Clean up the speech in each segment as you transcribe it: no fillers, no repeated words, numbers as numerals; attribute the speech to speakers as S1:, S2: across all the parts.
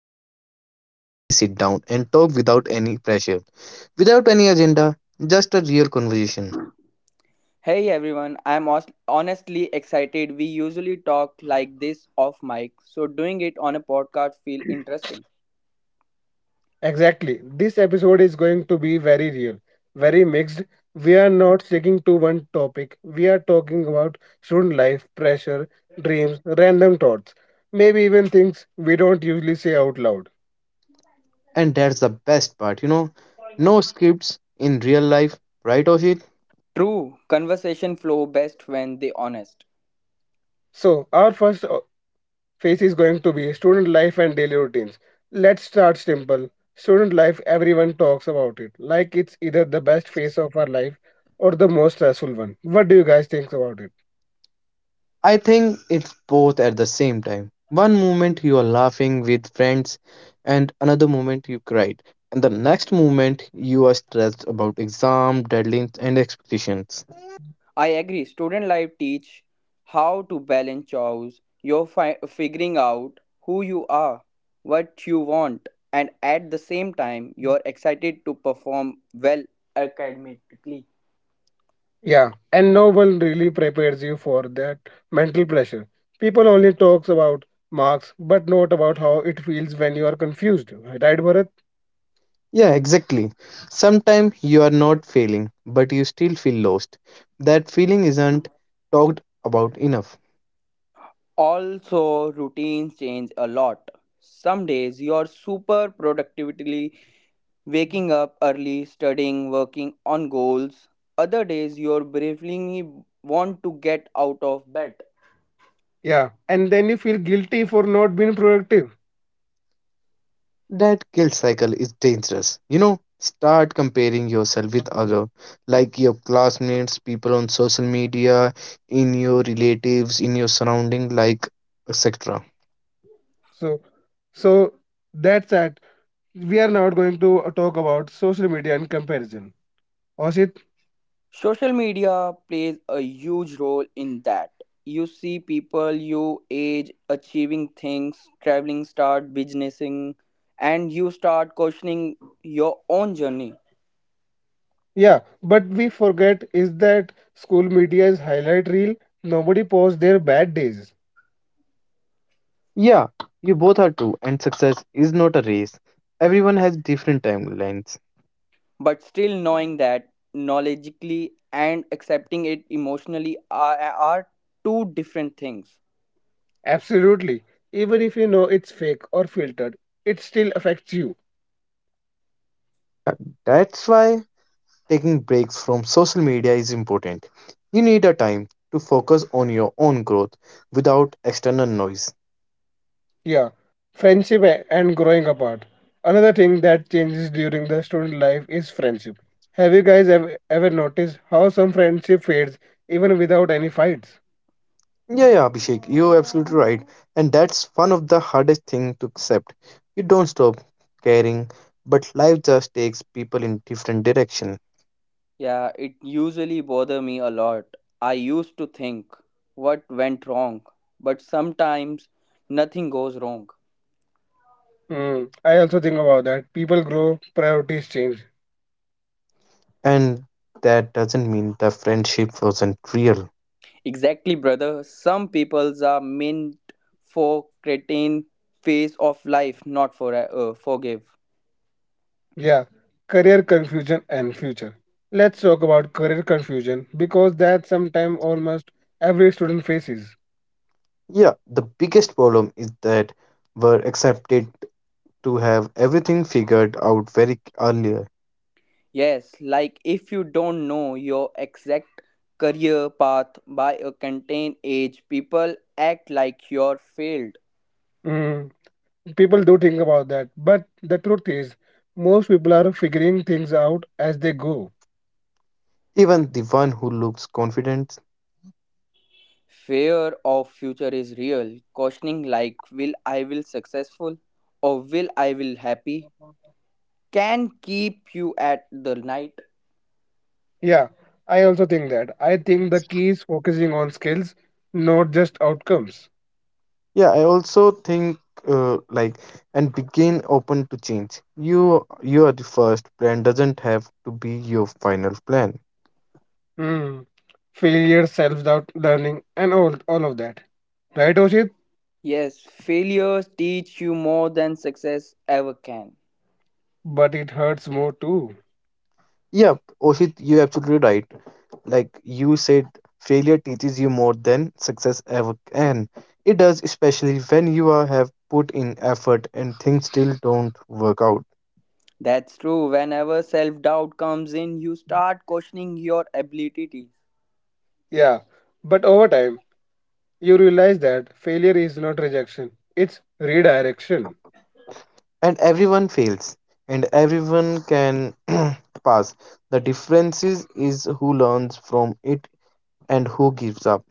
S1: it feels good to finally sit down and talk without any pressure, without any agenda, just a real conversation.
S2: Hey everyone, I'm honestly excited. We usually talk like this off mic, so doing it on a podcast feel interesting.
S3: Exactly. This episode is going to be very real, very mixed. We are not sticking to one topic. We are talking about student life, pressure, dreams, random thoughts, maybe even things we don't usually say out loud.
S1: And that's the best part, you know, no scripts in real life, right of it?
S2: True, conversation flow best when they honest.
S3: So, our first phase is going to be student life and daily routines. Let's start simple. Student life, everyone talks about it, like it's either the best phase of our life or the most stressful one. What do you guys think about it?
S1: I think it's both at the same time. One moment you are laughing with friends, and another moment you cried, and the next moment you are stressed about exam, deadlines, and expectations.
S2: I agree. Student life teach how to balance chores. You're figuring out who you are, what you want, and at the same time, you're excited to perform well academically.
S3: Yeah, and no one really prepares you for that mental pressure. People only talks about marks, but not about how it feels when you are confused, right, Bharat?
S1: Yeah, exactly. Sometimes you are not failing, but you still feel lost. That feeling isn't talked about enough.
S2: Also, routines change a lot. Some days you're super productively waking up early, studying, working on goals. Other days you're bravely want to get out of bed.
S3: Yeah, and then you feel guilty for not being productive.
S1: That guilt cycle is dangerous. You know, start comparing yourself with other, like your classmates, people on social media, in your relatives, in your surrounding, like etc.
S3: So, so that's that. We are now going to talk about social media and comparison. Oshit,
S2: Social media plays a huge role in that. You see people your age achieving things, traveling, start businessing, and you start questioning your own journey.
S3: yeah, but we forget is that school media's highlight reel. Nobody posts their bad days.
S1: Yeah, you both are true, and success is not a race. Everyone has different timelines.
S2: But still knowing that knowledgeably and accepting it emotionally are two different things.
S3: Absolutely. Even if you know it's fake or filtered, it still affects you.
S1: Yeah, that's why taking breaks from social media is important. You need a time to focus on your own growth without external noise.
S3: Yeah. Friendship and growing apart. Another thing that changes during the student life is friendship. Have you guys ever noticed how some friendship fades even without any fights?
S1: Yeah, yeah, Abhishek, you're absolutely right. And that's one of the hardest thing to accept. You don't stop caring, but life just takes people in different direction.
S2: Yeah, it usually bother me a lot. I used to think what went wrong, but sometimes nothing goes wrong.
S3: Hmm. I also think about that. People grow, priorities change.
S1: And that doesn't mean the friendship wasn't real.
S2: Exactly, brother, some peoples are meant for cretin phase of life, not for forgive.
S3: Yeah. Career confusion and future. Let's talk about career confusion because that's sometimes almost every student faces.
S1: Yeah, the biggest problem is that we're accepted to have everything figured out very early,
S2: Yes, like if you don't know your exact career path by a contained age, people act like you're failed.
S3: Hmm. People do think about that, but the truth is, most people are figuring things out as they go.
S1: even the one who looks confident.
S2: Fear of future is real. Questioning like will I will successful or will I will happy can keep you at the night.
S3: Yeah, I also think that. I think the key is focusing on skills, not just outcomes.
S1: Yeah, I also think like and begin open to change. You are the first plan doesn't have to be your final plan.
S3: Hmm. Failure, self doubt, learning, and all of that. Right, Oshit?
S2: Yes, failures teach you more than success ever can.
S3: But it hurts more too.
S1: Yeah, Oshit, you're absolutely right. Like you said, failure teaches you more than success ever can. It does, especially when you are, have put in effort and things still don't work out.
S2: That's true. Whenever self doubt comes in, you start questioning your abilities.
S3: Yeah, but over time, you realize that failure is not rejection, it's redirection.
S1: And everyone fails, and everyone can pass. The difference is who learns from it and who gives up.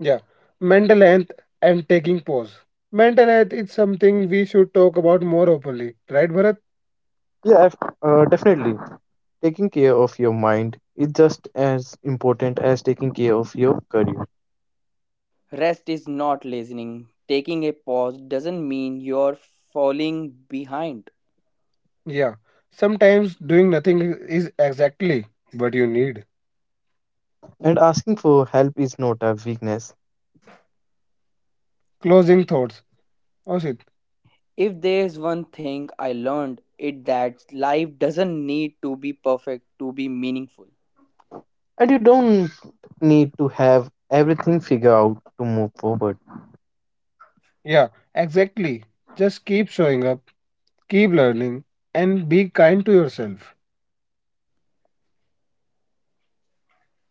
S3: Yeah, mental health and taking pause. Mental health is something we should talk about more openly, right, Bharat?
S1: Definitely. Taking care of your mind is just as important as taking care of your career.
S2: Rest is not listening. Taking a pause doesn't mean you're falling behind.
S3: Yeah, sometimes doing nothing is exactly what you need.
S1: And asking for help is not a weakness.
S3: Closing thoughts. Oshit?
S2: If there's one thing I learned, it that life doesn't need to be perfect to be meaningful.
S1: And you don't need to have everything figured out to move forward.
S3: Yeah, exactly. Just keep showing up, keep learning, and be kind to yourself,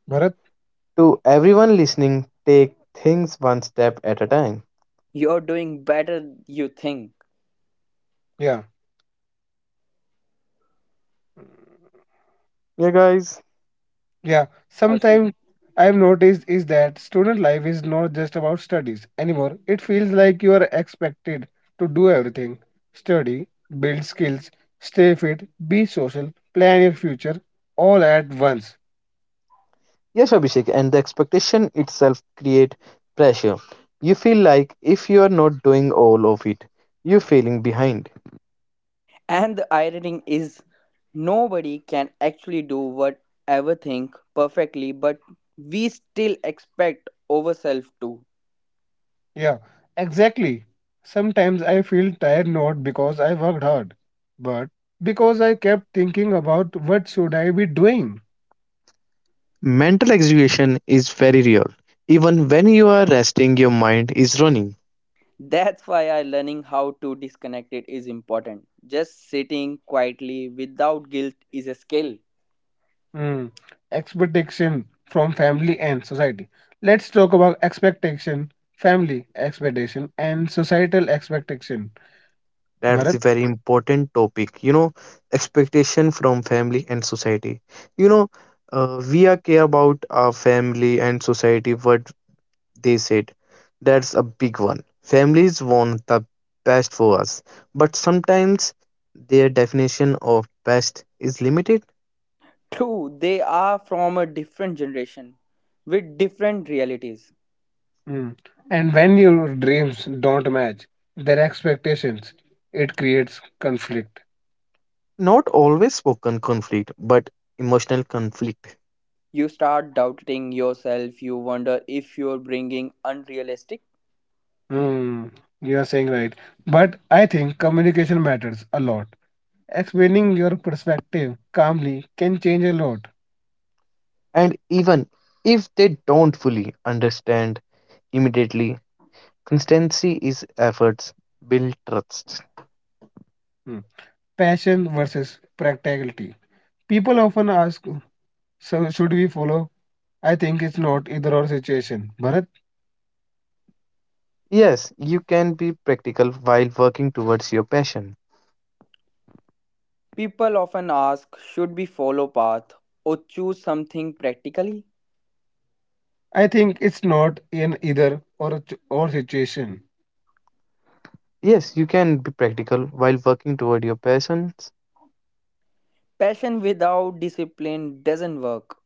S3: Bharat.
S1: To everyone listening, take things one step at a time.
S2: You're doing better you think.
S3: Yeah.
S1: Yeah, guys.
S3: Yeah,
S2: Absolutely.
S3: sometimes I've noticed is that student life is not just about studies anymore. It feels like you are expected to do everything study, build skills, stay fit, be social, plan your future all at once.
S1: Yes, Abhishek, and the expectation itself create pressure. You feel like if you are not doing all of it, you're feeling behind.
S2: And the irony is nobody can actually do whatever thing perfectly, but we still expect ourselves to.
S3: Yeah, exactly. Sometimes I feel tired not because I worked hard, but because I kept thinking about what should I be doing.
S1: Mental exhaustion is very real. Even when you are resting, your mind is running.
S2: That's why I learning how to disconnect it is important. Just sitting quietly without guilt is a skill.
S3: Mm, expectation from family and society. Let's talk about expectation, family expectation, and societal expectation.
S1: That's a
S3: Bharat,
S1: very important topic. You know, expectation from family and society. You know, we are care about our family and society, what they said. That's a big one. Families want the best for us, but sometimes their definition of best is limited.
S2: True, they are from a different generation with different realities.
S3: mm, and when your dreams don't match their expectations, it creates conflict.
S1: Not always spoken conflict, but emotional conflict.
S2: You start doubting yourself, you wonder if you're bringing unrealistic.
S3: Mm, you are saying right. But I think communication matters a lot. Explaining your perspective calmly can change a lot.
S1: And even if they don't fully understand immediately. Constancy is efforts, build trust.
S3: Mm, passion versus practicality. People often ask, so should we follow I think it's not either or situation. Bharat,
S1: Yes, you can be practical while working towards your passion.
S2: People often ask, should we follow path or choose something practically?
S3: I think it's not an either or or situation.
S1: Yes, you can be practical while working toward your passions,
S2: Passion without discipline doesn't work,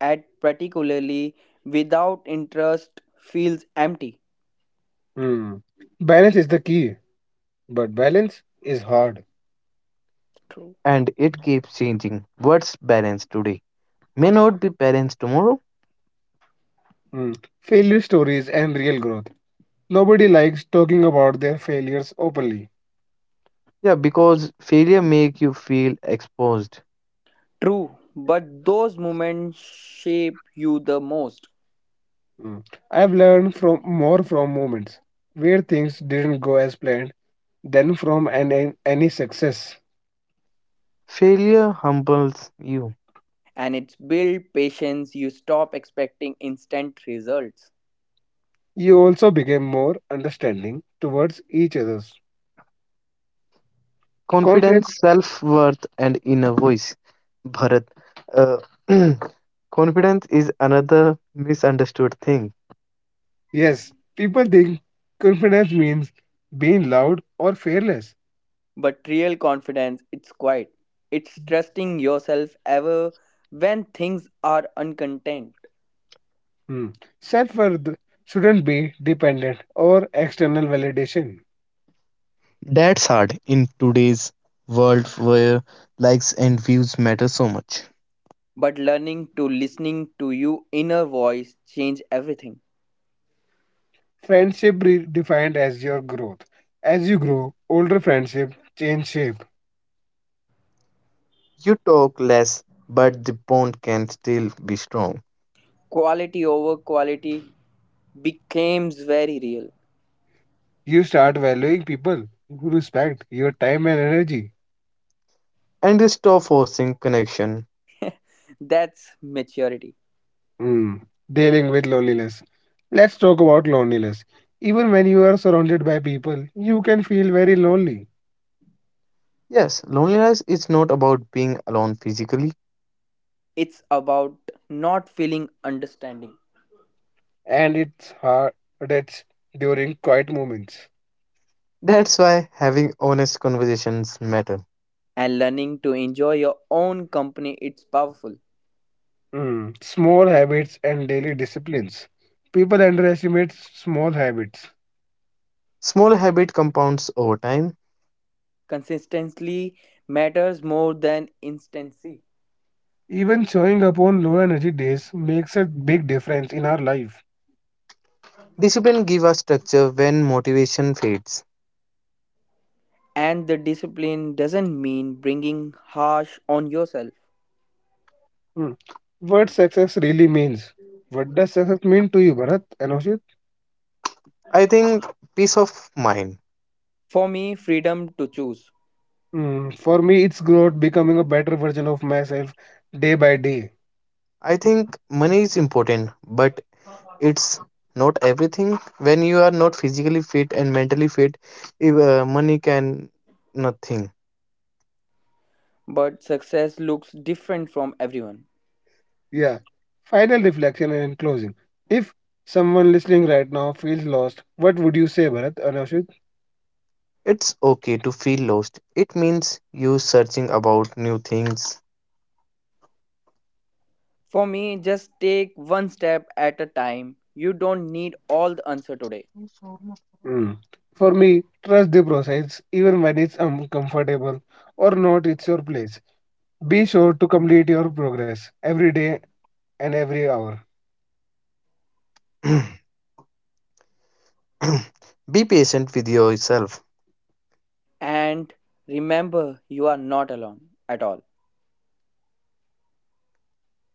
S2: and particularly without interest feels empty.
S3: Hmm. Balance is the key, but balance is hard.
S1: and it keeps changing. What's balanced today may not be balanced tomorrow.
S3: Hmm. Failure stories and real growth. Nobody likes talking about their failures openly.
S1: Yeah, because failure make you feel exposed.
S2: True, but those moments shape you the most,
S3: Hmm. I've learned from more from moments where things didn't go as planned than from any success.
S1: Failure humbles you.
S2: and it's build patience. You stop expecting instant results.
S3: You also became more understanding towards each other's confidence.
S1: Confidence, self worth, and inner voice. Bharat, uh, confidence is another misunderstood thing.
S3: Yes, people think confidence means being loud or fearless.
S2: But real confidence, it's quiet. It's trusting yourself ever when things are uncontent.
S3: Hmm. Self worth shouldn't be dependent or external validation.
S1: That's hard in today's world where likes and views matter so much.
S2: But learning to listening to your inner voice change everything.
S3: Friendship defined as your growth. As you grow, older friendship change shape.
S1: You talk less, but the bond can still be strong.
S2: Quality over quality becomes very real.
S3: You start valuing people who respect your time and energy.
S1: And you stop forcing connection.
S2: That's maturity.
S3: Hmm. Dealing with loneliness. Let's talk about loneliness. Even when you are surrounded by people, you can feel very lonely.
S1: Yes, loneliness is not about being alone physically.
S2: It's about not feeling understanding.
S3: And its hardest during quiet moments.
S1: That's why having honest conversations matter.
S2: And learning to enjoy your own company it's powerful.
S3: Mm. Small habits and daily disciplines. People underestimate small habits.
S1: Small habit compounds over time.
S2: Consistency matters more than instancy.
S3: Even showing up on low energy days makes a big difference in our life.
S1: Discipline give us structure when motivation fades.
S2: And the discipline doesn't mean bringing harsh on yourself.
S3: Mm. What success really means? What does success mean to you, Bharat and Oshit?
S1: I think peace of mind.
S2: For me, freedom to choose.
S3: Mm, for me, it's growth, becoming a better version of myself day by day.
S1: I think money is important, but it's not everything. When you are not physically fit and mentally fit, if, money can nothing.
S2: But success looks different from everyone.
S3: Yeah. Final reflection and in closing. If someone listening right now feels lost, what would you say, Bharat or Rashid?
S1: It's okay to feel lost. It means you searching about new things.
S2: For me, just take one step at a time, you don't need all the answer today.
S3: Hmm. For me, trust the process, even when it's uncomfortable or not, it's your place. Be sure to complete your progress every day and every hour.
S1: Be patient with yourself.
S2: And remember, you are not alone at all.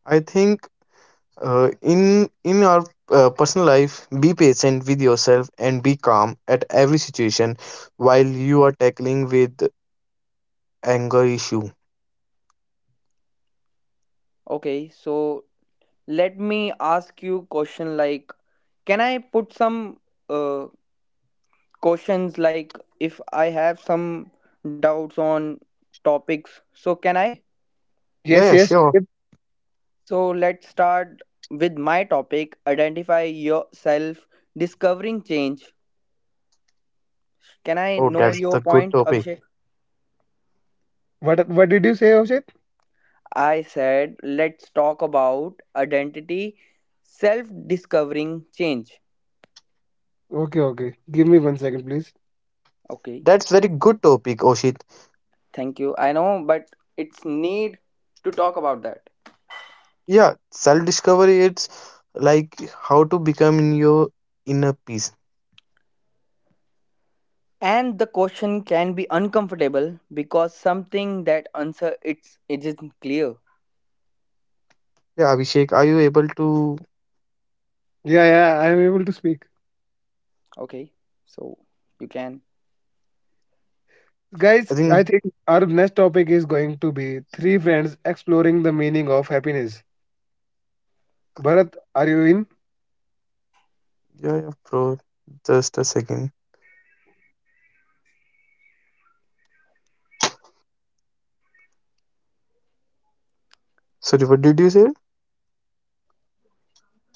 S1: I think in our personal life, be patient with yourself and be calm at every situation while you are tackling with anger issue.
S2: Okay, so let me ask you question like, can I put some uh, questions like if I have some doubts on topics, so can I?
S1: Yeah,
S3: Yes,
S1: yeah,
S3: yes.
S1: sure.
S3: Yep.
S2: So let's start with my topic, identify yourself, discovering change. Can I
S1: Oh,
S2: know
S1: that's
S2: your
S1: the good
S2: point,
S1: topic.
S2: Abhishek?
S3: What did you say, Oshit?
S2: I said let's talk about identity, self discovering change.
S3: Okay, okay. Give me one second, please.
S2: Okay.
S1: That's very good topic, Oshit.
S2: Thank you. I know, but it's need to talk about that.
S1: Yeah, self discovery, it's like how to become in your inner peace.
S2: And the question can be uncomfortable because something that answer it's it isn't clear.
S1: Yeah, Abhishek, are you able to?
S3: Yeah, yeah, I am able to speak.
S2: Okay, so you can.
S1: I
S3: Guys,
S1: think,
S3: I think our next topic is going to be three friends exploring the meaning of happiness. Bharat, are you in?
S1: yeah, yeah, bro, just a second. Sorry, what did you say?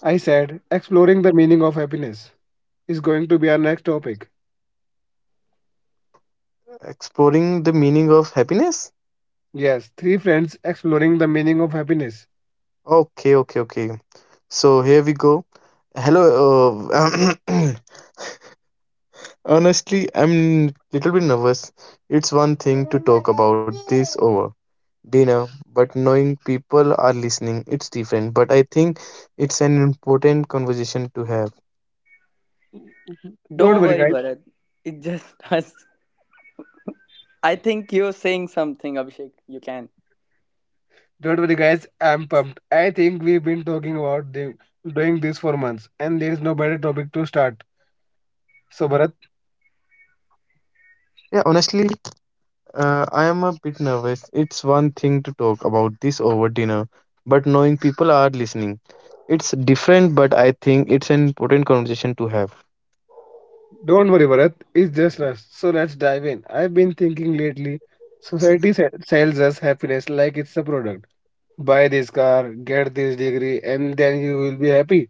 S3: I said, exploring the meaning of happiness is going to be our next topic.
S1: Exploring the meaning of happiness.
S3: Yes, three friends exploring the meaning of happiness.
S1: Okay, okay, okay, so here we go. Hello, honestly, I'm little bit nervous. It's one thing to talk about this over dinner, but knowing people are listening, it's different. But I think it's an important conversation to have.
S3: Don't
S2: Don't
S3: worry,
S2: worry,
S3: guys.
S2: Bharat. It's just us. I think you're saying something, Abhishek. You can.
S3: Don't worry, guys. I'm pumped. I think we've been talking about the, doing this for months, and there is no better topic to start. So, Bharat,
S1: Yeah, honestly, I am a bit nervous. It's one thing to talk about this over dinner, but knowing people are listening, it's different. But I think it's an important conversation to have.
S3: don't worry, Bharat. It's just us. So, let's dive in. I've been thinking lately. Society sells us happiness like it's a product. Buy this car, get this degree, and then you will be happy.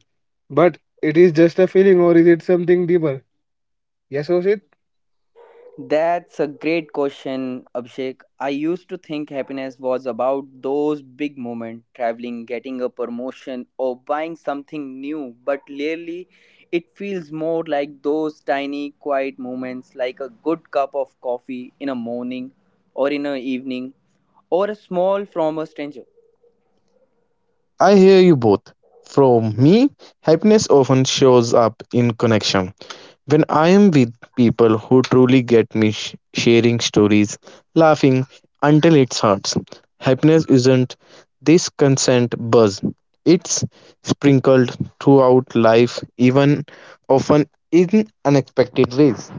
S3: But it is just a feeling, or is it something deeper? Yes, Oshit?
S2: That's a great question, Abhishek. I used to think happiness was about those big moments, traveling, getting a promotion, or buying something new, but lately it feels more like those tiny, quiet moments, like a good cup of coffee in a morning, or in an evening, or a small from a stranger.
S1: I hear you both. From me, happiness often shows up in connection. When I am with people who truly get me, sharing stories, laughing until it hurts, happiness isn't this constant buzz. It's sprinkled throughout life, even often in unexpected ways.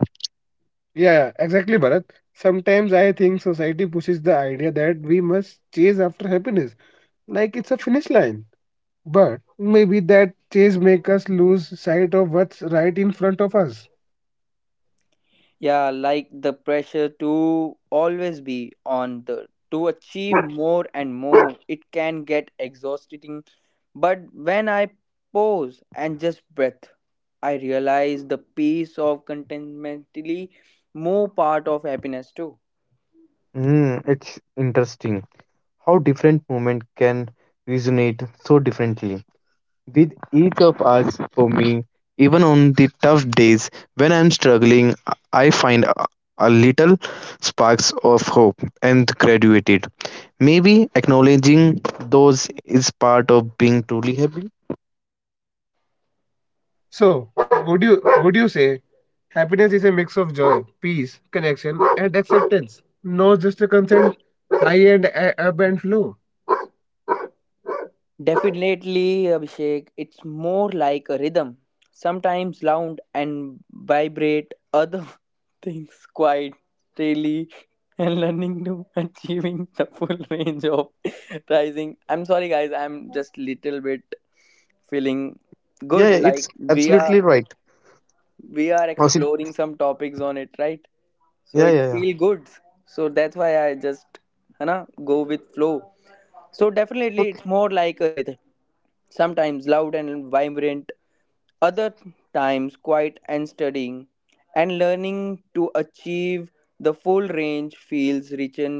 S3: Yeah, yeah, exactly, Bharat. Sometimes I think society pushes the idea that we must chase after happiness, like it's a finish line. But maybe that chase make us lose sight of what's right in front of us.
S2: Yeah, like the pressure to always be on the to achieve more and more, it can get exhausting. But when I pause and just breath, I realize the peace of contentmentally more part of happiness too.
S1: Mm, it's interesting how different movement can resonate so differently with each of us. For me, even on the tough days when I'm struggling, I find a little sparks of hope and graduated. Maybe acknowledging those is part of being truly happy.
S3: So, would you say happiness is a mix of joy, peace, connection, and acceptance? No, just a constant high and ebb and flow.
S2: Definitely, Abhishek, it's more like a rhythm. Sometimes loud and vibrate, other things quiet, daily, and learning to achieving the full range of rising. I'm sorry, guys, I'm just little bit feeling
S1: Yeah,
S2: good.
S1: yeah, it's
S2: Like we are
S1: absolutely right.
S2: we are
S1: Oh, see-
S2: exploring some topics on it, right? So
S1: yeah,
S2: it
S1: yeah,
S2: feel good. So that's why I just hana go with flow. So definitely
S1: yeah.
S2: it's more like a rhythm, sometimes loud and vibrant, other times quiet and studying, and learning to achieve the full range feels rich in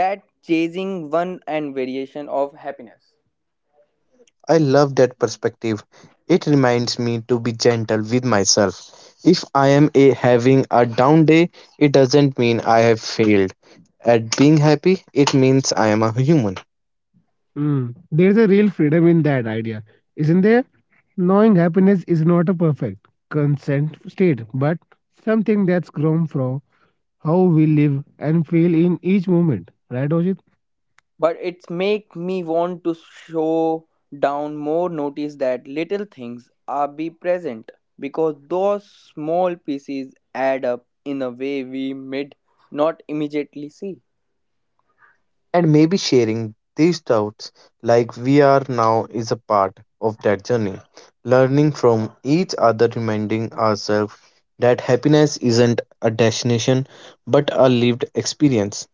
S2: that chasing one and variation of happiness.
S1: I love that perspective. It reminds me to be gentle with myself. If I am having a down day, it doesn't mean I have failed. At being happy, it means I am a human.
S3: Mm. There's a real freedom in that idea, isn't there? Knowing happiness is not a perfect consent state, but something that's grown from how we live and feel in each moment. Right, Ojit?
S2: But it's make me want to show down more, notice that little things are be present, because those small pieces add up in a way we mid not immediately see.
S1: And maybe sharing these doubts like we are now is a part of that journey. Learning from each other, reminding ourselves that happiness isn't a destination but a lived experience.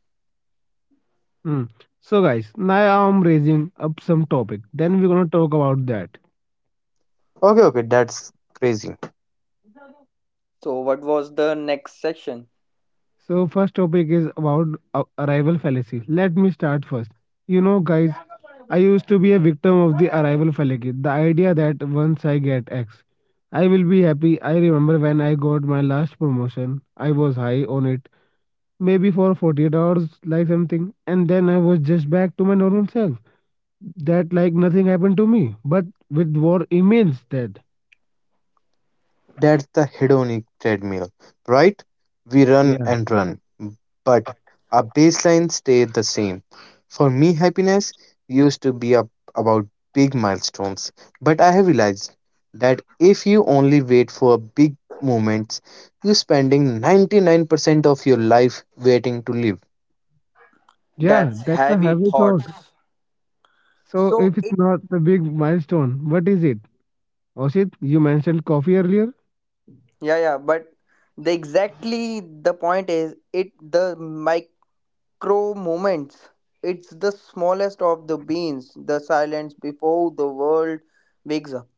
S3: Mm. So, guys, now I'm raising up some topic. Then we're gonna talk about that.
S1: Okay, okay, that's crazy.
S2: So what was the next section?
S3: So first topic is about arrival fallacy. Let me start first. You know, guys, I used to be a victim of the arrival fallacy. The idea that once I get X, I will be happy. I remember when I got my last promotion, I was high on it, maybe for 48 hours, like something, and then I was just back to my normal self. That like nothing happened to me, but with war emails that.
S1: That's the hedonic treadmill, right? We run
S3: Yeah,
S1: and run, but our baseline stays the same. For me, happiness used to be up about big milestones, but I have realized that if you only wait for big moments, you're spending 99% of your life waiting to live.
S3: yeah,
S2: That's
S3: that's a
S2: heavy
S3: heavy thought.
S2: thoughts.
S3: So
S2: So
S3: if
S2: it
S3: it's not a big milestone, what is it? Oshit, you mentioned coffee earlier.
S2: yeah yeah but the exactly the point is it the micro moments, it's the smallest of the beans, the silence before the world wakes up.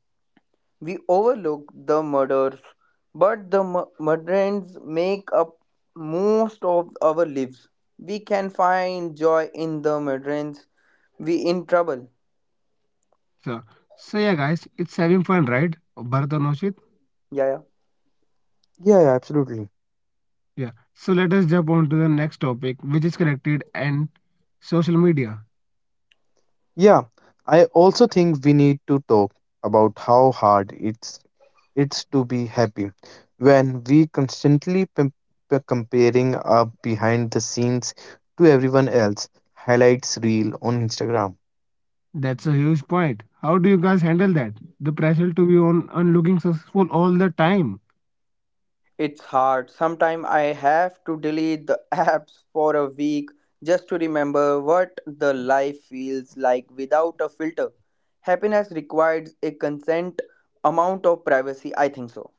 S2: We overlook the murders, but the murderers make up most of our lives. We can find joy in the murderers. We in trouble.
S3: So, so yeah, guys, it's having fun, right? Bharat and Oshit.
S2: Yeah, yeah.
S1: Yeah, yeah, absolutely.
S3: Yeah. So let us jump on to the next topic, which is connected and social media.
S1: Yeah, I also think we need to talk about how hard it's to be happy. When we constantly comparing our behind the scenes to everyone else, highlights reel on Instagram.
S3: That's a huge point. How do you guys handle that? The pressure to be on and looking successful all the time.
S2: It's hard. Sometimes I have to delete the apps for a week just to remember what the life feels like without a filter. Happiness requires a consent amount of privacy. I think so.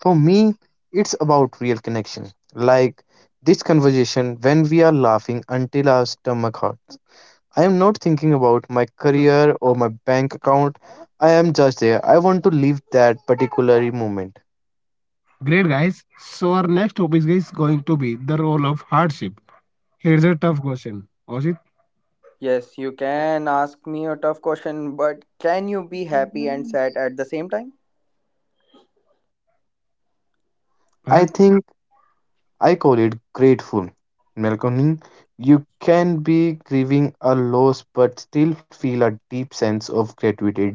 S1: For me, it's about real connection. Like this conversation when we are laughing until our stomach hurts. I am not thinking about my
S2: Hmm.
S1: career or my bank account. I am just there. I want to live that particular moment.
S3: Great, guys. So our next topic is going to be the role of hardship. Here's a tough question, Oshit.
S2: Yes, you can ask me a tough question, but can you be happy and sad at the same time?
S1: I
S3: Bharat.
S1: think I call it grateful. Melatonin, you can be grieving a loss but still feel a deep sense of gratitude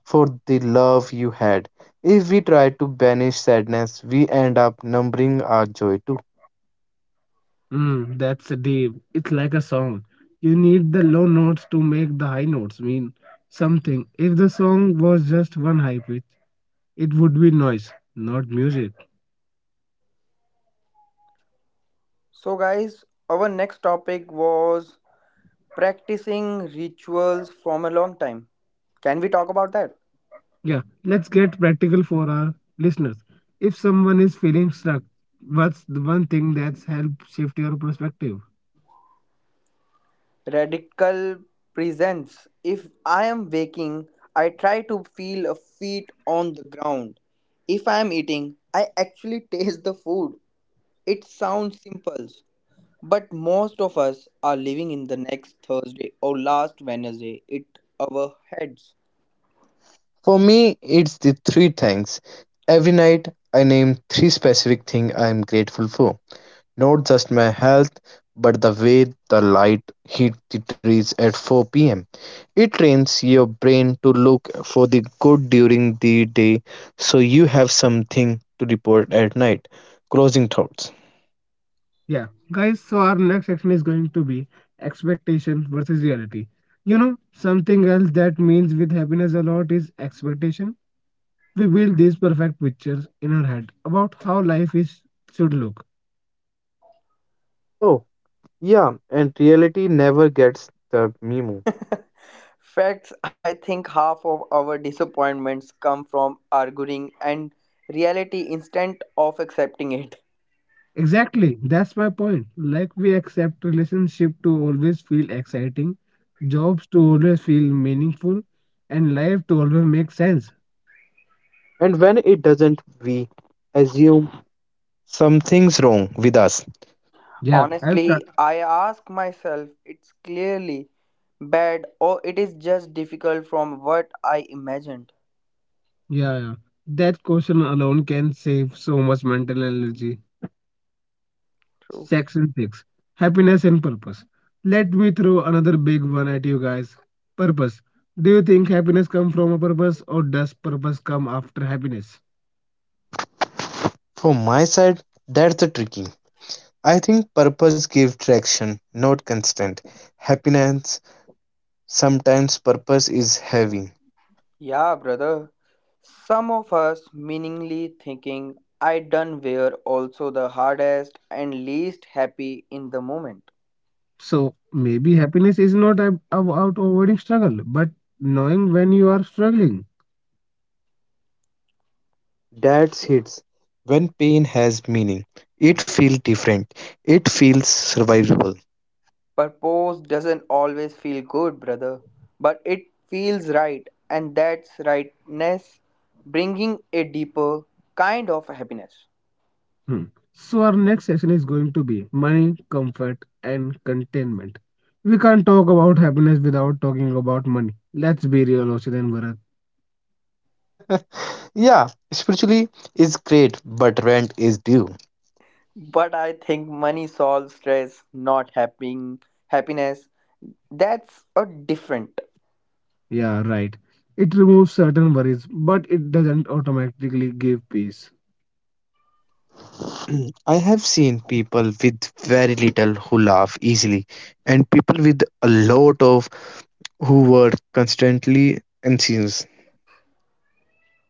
S1: for the love you had. If we try to banish sadness, we end up numbing our joy too.
S3: Mm, that's deep. It's like a song. You need the low notes to make the high notes mean something. If the song was just one high pitch, it would be noise, not music.
S2: So, guys, our next topic was practicing rituals from a long time. Can we talk about that?
S3: Yeah, let's get practical for our listeners. If someone is feeling stuck, what's the one thing that's helped shift your perspective?
S2: Radical presents. If I am waking, I try to feel a feet on the ground. If I am eating, I actually taste the food. It sounds simple, but most of us are living in the next Thursday or last Wednesday it our heads.
S1: For me, it's the three things. Every night, I name three specific things I am grateful for. Not just my health, but the way the light hit the trees at 4 pm. It trains your brain to look for the good during the day so you have something to report at night. Closing thoughts.
S3: Yeah, guys, so our next section is going to be expectation versus reality. You know, something else that means with happiness a lot is expectation we build these perfect pictures in our head about how life is should look.
S1: Oh, yeah, and reality never gets the memo.
S2: Facts, I think half of our disappointments come from arguing and reality instead of accepting it.
S3: Exactly, that's my point, like we accept relationship to always feel exciting jobs to always feel meaningful and life to always make sense.
S1: And when it doesn't, we assume something's wrong with us.
S3: Yeah, I've tried.
S2: Honestly, I ask myself it's clearly bad or it is just difficult from what I imagined.
S3: Yeah, yeah, that question alone can save so much mental energy.
S2: True.
S3: Section 6, Happiness and Purpose. Let me throw another big one at you guys. Purpose. Do you think happiness comes from a purpose or does purpose come after happiness?
S1: From my side, that's the tricky. I think purpose gives traction, not constant. Happiness, sometimes purpose is heavy.
S2: Yeah, brother. Some of us meaningly thinking I done were also the hardest and least happy in the moment.
S3: So maybe happiness is not about avoiding struggle, but knowing when you are struggling.
S1: That hits. When pain has meaning, it feels different. It feels survivable.
S2: Purpose doesn't always feel good, brother, but it feels right, and that's rightness bringing a deeper kind of happiness.
S3: Hmm. So our next session is going to be money, comfort, and contentment. We can't talk about happiness without talking about money. Let's be real, Oshit and Bharat.
S1: Yeah, spiritually is great, but rent is due.
S2: But I think money solves stress, not happy happiness. That's a different.
S3: Yeah, right. It removes certain worries, but it doesn't automatically give peace.
S1: I have seen people with very little who laugh easily, and people with a lot of who were constantly anxious.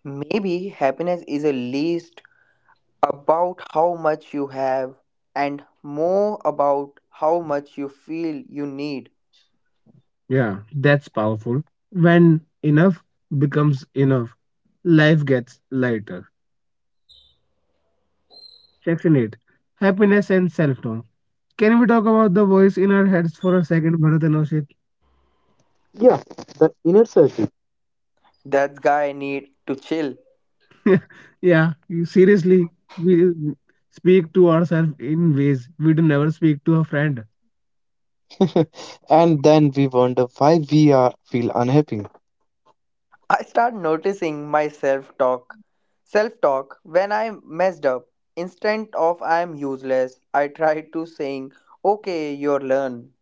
S2: Maybe happiness is a least about how much you have and more about how much you feel you need.
S3: Yeah, that's powerful. When enough becomes enough, life gets lighter. Section 8, Happiness and Self Talk. Can we talk about the voice in our heads for a second, Bharat and Oshit?
S1: Yeah, the inner circle.
S2: That guy need to chill.
S3: Yeah, you, seriously, we speak to ourselves in ways we'd never speak to a friend.
S1: And then we wonder why we are feel unhappy.
S2: I start noticing my self-talk when I messed up. Instead of I am useless, I try to saying, okay, you learn.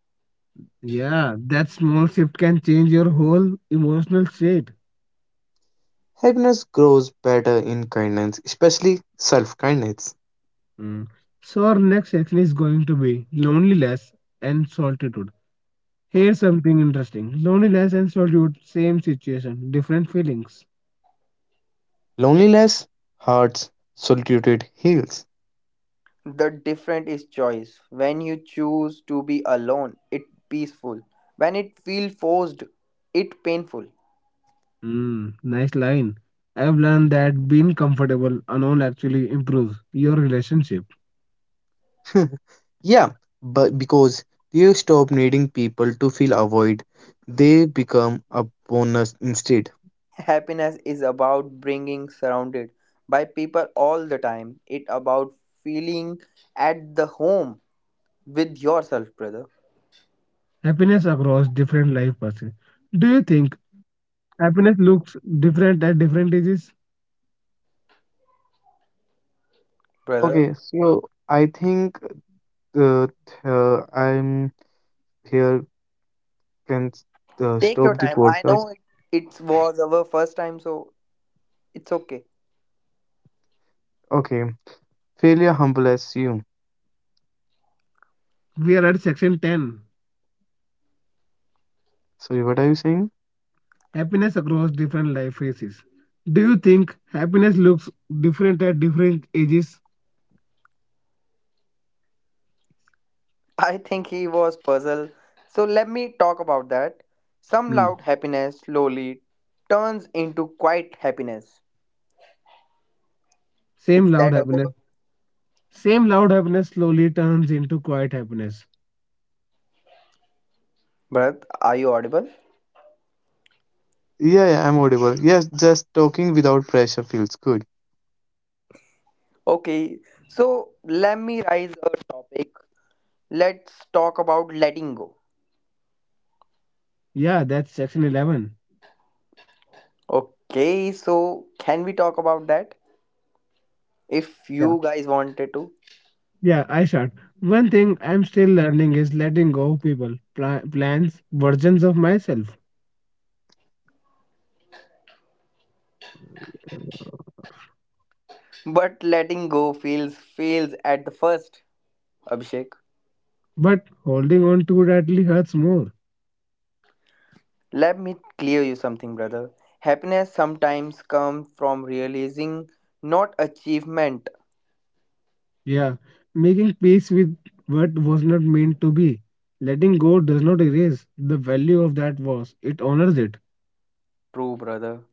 S3: Yeah, that small shift can change your whole emotional state.
S1: Happiness grows better in kindness, especially self kindness.
S3: Mm. So our next section is going to be loneliness and solitude. Here's something interesting. Loneliness and solitude, same situation, different feelings.
S1: Loneliness hurts, solitude heals.
S2: The different is choice. When you choose to be alone, it peaceful. When it feel forced, it painful.
S3: Mm, nice line. I've learned that being comfortable alone actually improves your relationship.
S1: Yeah, but because you stop needing people to feel avoid, they become a bonus instead.
S2: Happiness is about being surrounded by people all the time, it about feeling at the home with yourself, brother.
S3: Happiness across different life paths. Do you think happiness looks different at different ages?
S2: Brother,
S1: Okay, so I think uh, I'm here, can
S2: take your
S1: stop the
S2: time, I
S1: podcast.
S2: know it was our first time, so it's okay.
S1: Okay, failure humbles you.
S3: We are at section 10.
S1: Sorry, what are you saying?
S3: Happiness across different life phases. Do you think happiness looks different at different ages?
S2: I think he was puzzled, so let me talk about that. Some
S3: Hmm.
S2: loud happiness slowly turns into quiet happiness.
S3: Same
S2: It's
S3: loud
S2: that okay?
S3: happiness. Same loud happiness slowly turns into quiet happiness.
S2: Brother, are you audible?
S1: Yeah, yeah, I'm audible. Yes, just talking without pressure feels good.
S2: Okay, so let me raise a topic, let's talk about letting go.
S3: Yeah, that's section 11.
S2: Okay, so can we talk about that? If
S3: Yeah.
S2: you guys wanted to.
S3: Yeah, I shot. One thing I'm still learning is letting go of people, plans, versions of myself.
S2: But letting go feels fails at the first, Abhishek.
S3: But holding on too tightly hurts more.
S2: Let me clear you something, brother. Happiness sometimes comes from realizing not achievement.
S3: Yeah. Making peace with what was not meant to be. Letting go does not erase the value of that was, it honors it.
S2: True, brother.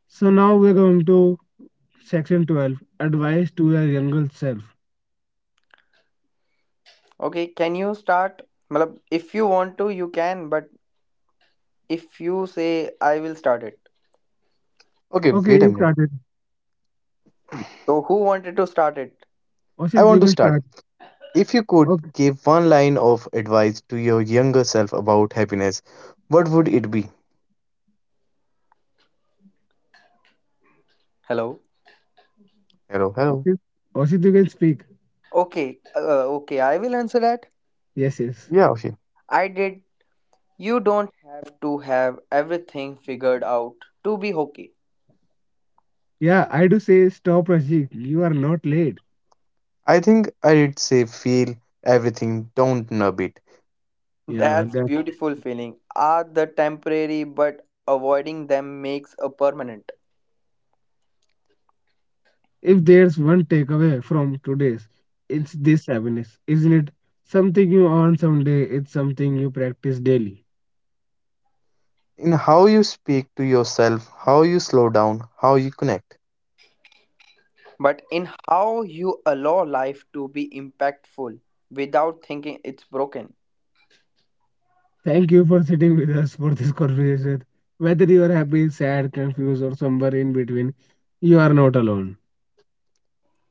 S3: So now we're going to section 12 advice to your younger self.
S2: Okay, can you start? Matlab, if you want to, you can, but if you say I will start it.
S1: Okay,
S3: Okay, you
S1: wait a minute.
S3: started.
S2: So who wanted to start it?
S1: I
S3: Oshit,
S1: want
S3: you
S1: to
S3: can
S1: start.
S3: start.
S1: If you could
S3: Okay.
S1: give one line of advice to your younger self about happiness, what would it be?
S2: Hello.
S1: Hello, hello.
S3: Oshit, Oshit, you can speak.
S2: Okay, okay, I will answer that.
S3: Yes, yes.
S1: Yeah, okay.
S2: I did. You don't have to have everything figured out to be hockey.
S3: Yeah, I do say stop, Rashid. You are not late.
S1: I think I'd say feel everything, don't nub it.
S3: Yeah,
S2: That's
S3: that.
S2: beautiful feeling. Are the temporary but avoiding them makes a permanent.
S3: If there's one takeaway from today's, it's this happiness, isn't it? Something you earn someday, it's something you practice daily.
S1: In how you speak to yourself, how you slow down, how you connect.
S2: But in how you allow life to be impactful without thinking it's broken.
S3: Thank you for sitting with us for this conversation. Whether you are happy, sad, confused, or somewhere in between, you are not alone.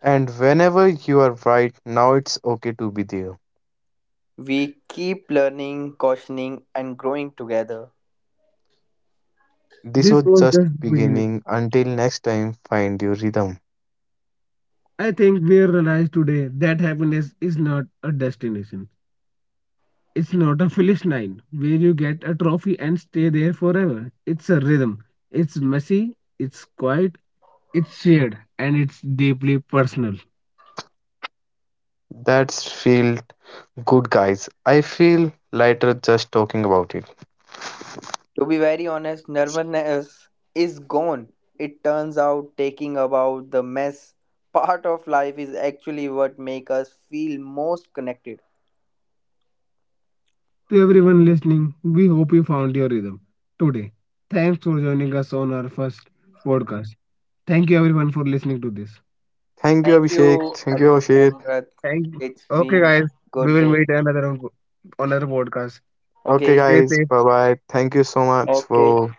S1: And whenever you are right, now it's okay to be there.
S2: We keep learning, cautioning and growing together.
S1: This
S3: This
S1: was
S3: was
S1: just
S3: just the beginning.
S1: beginning. Until next time, find your rhythm.
S3: I think we realized today that happiness is not a destination. It's not a finish line where you get a trophy and stay there forever. It's a rhythm. It's messy, it's quiet, it's shared, and it's deeply personal.
S1: That's feel good, guys, I feel lighter just talking about it.
S2: To be very honest, nervousness is gone. It turns out taking about the mess part of life is actually what make us feel most connected.
S3: To everyone listening, we hope you found your rhythm today. Thanks for joining us on our first podcast. Thank you everyone for listening to this.
S1: Thank you,
S2: Thank
S1: Abhishek.
S2: you,
S1: Thank you,
S2: Abhishek and
S1: Oshit.
S2: Bharat.
S3: Thank.
S2: It's
S3: Okay
S2: been
S3: guys, we
S2: good
S3: will
S2: day.
S3: meet another on another podcast.
S1: Okay,
S2: Okay,
S3: Stay
S1: guys.
S3: safe.
S1: Bye bye. Thank you so much
S2: okay.
S1: for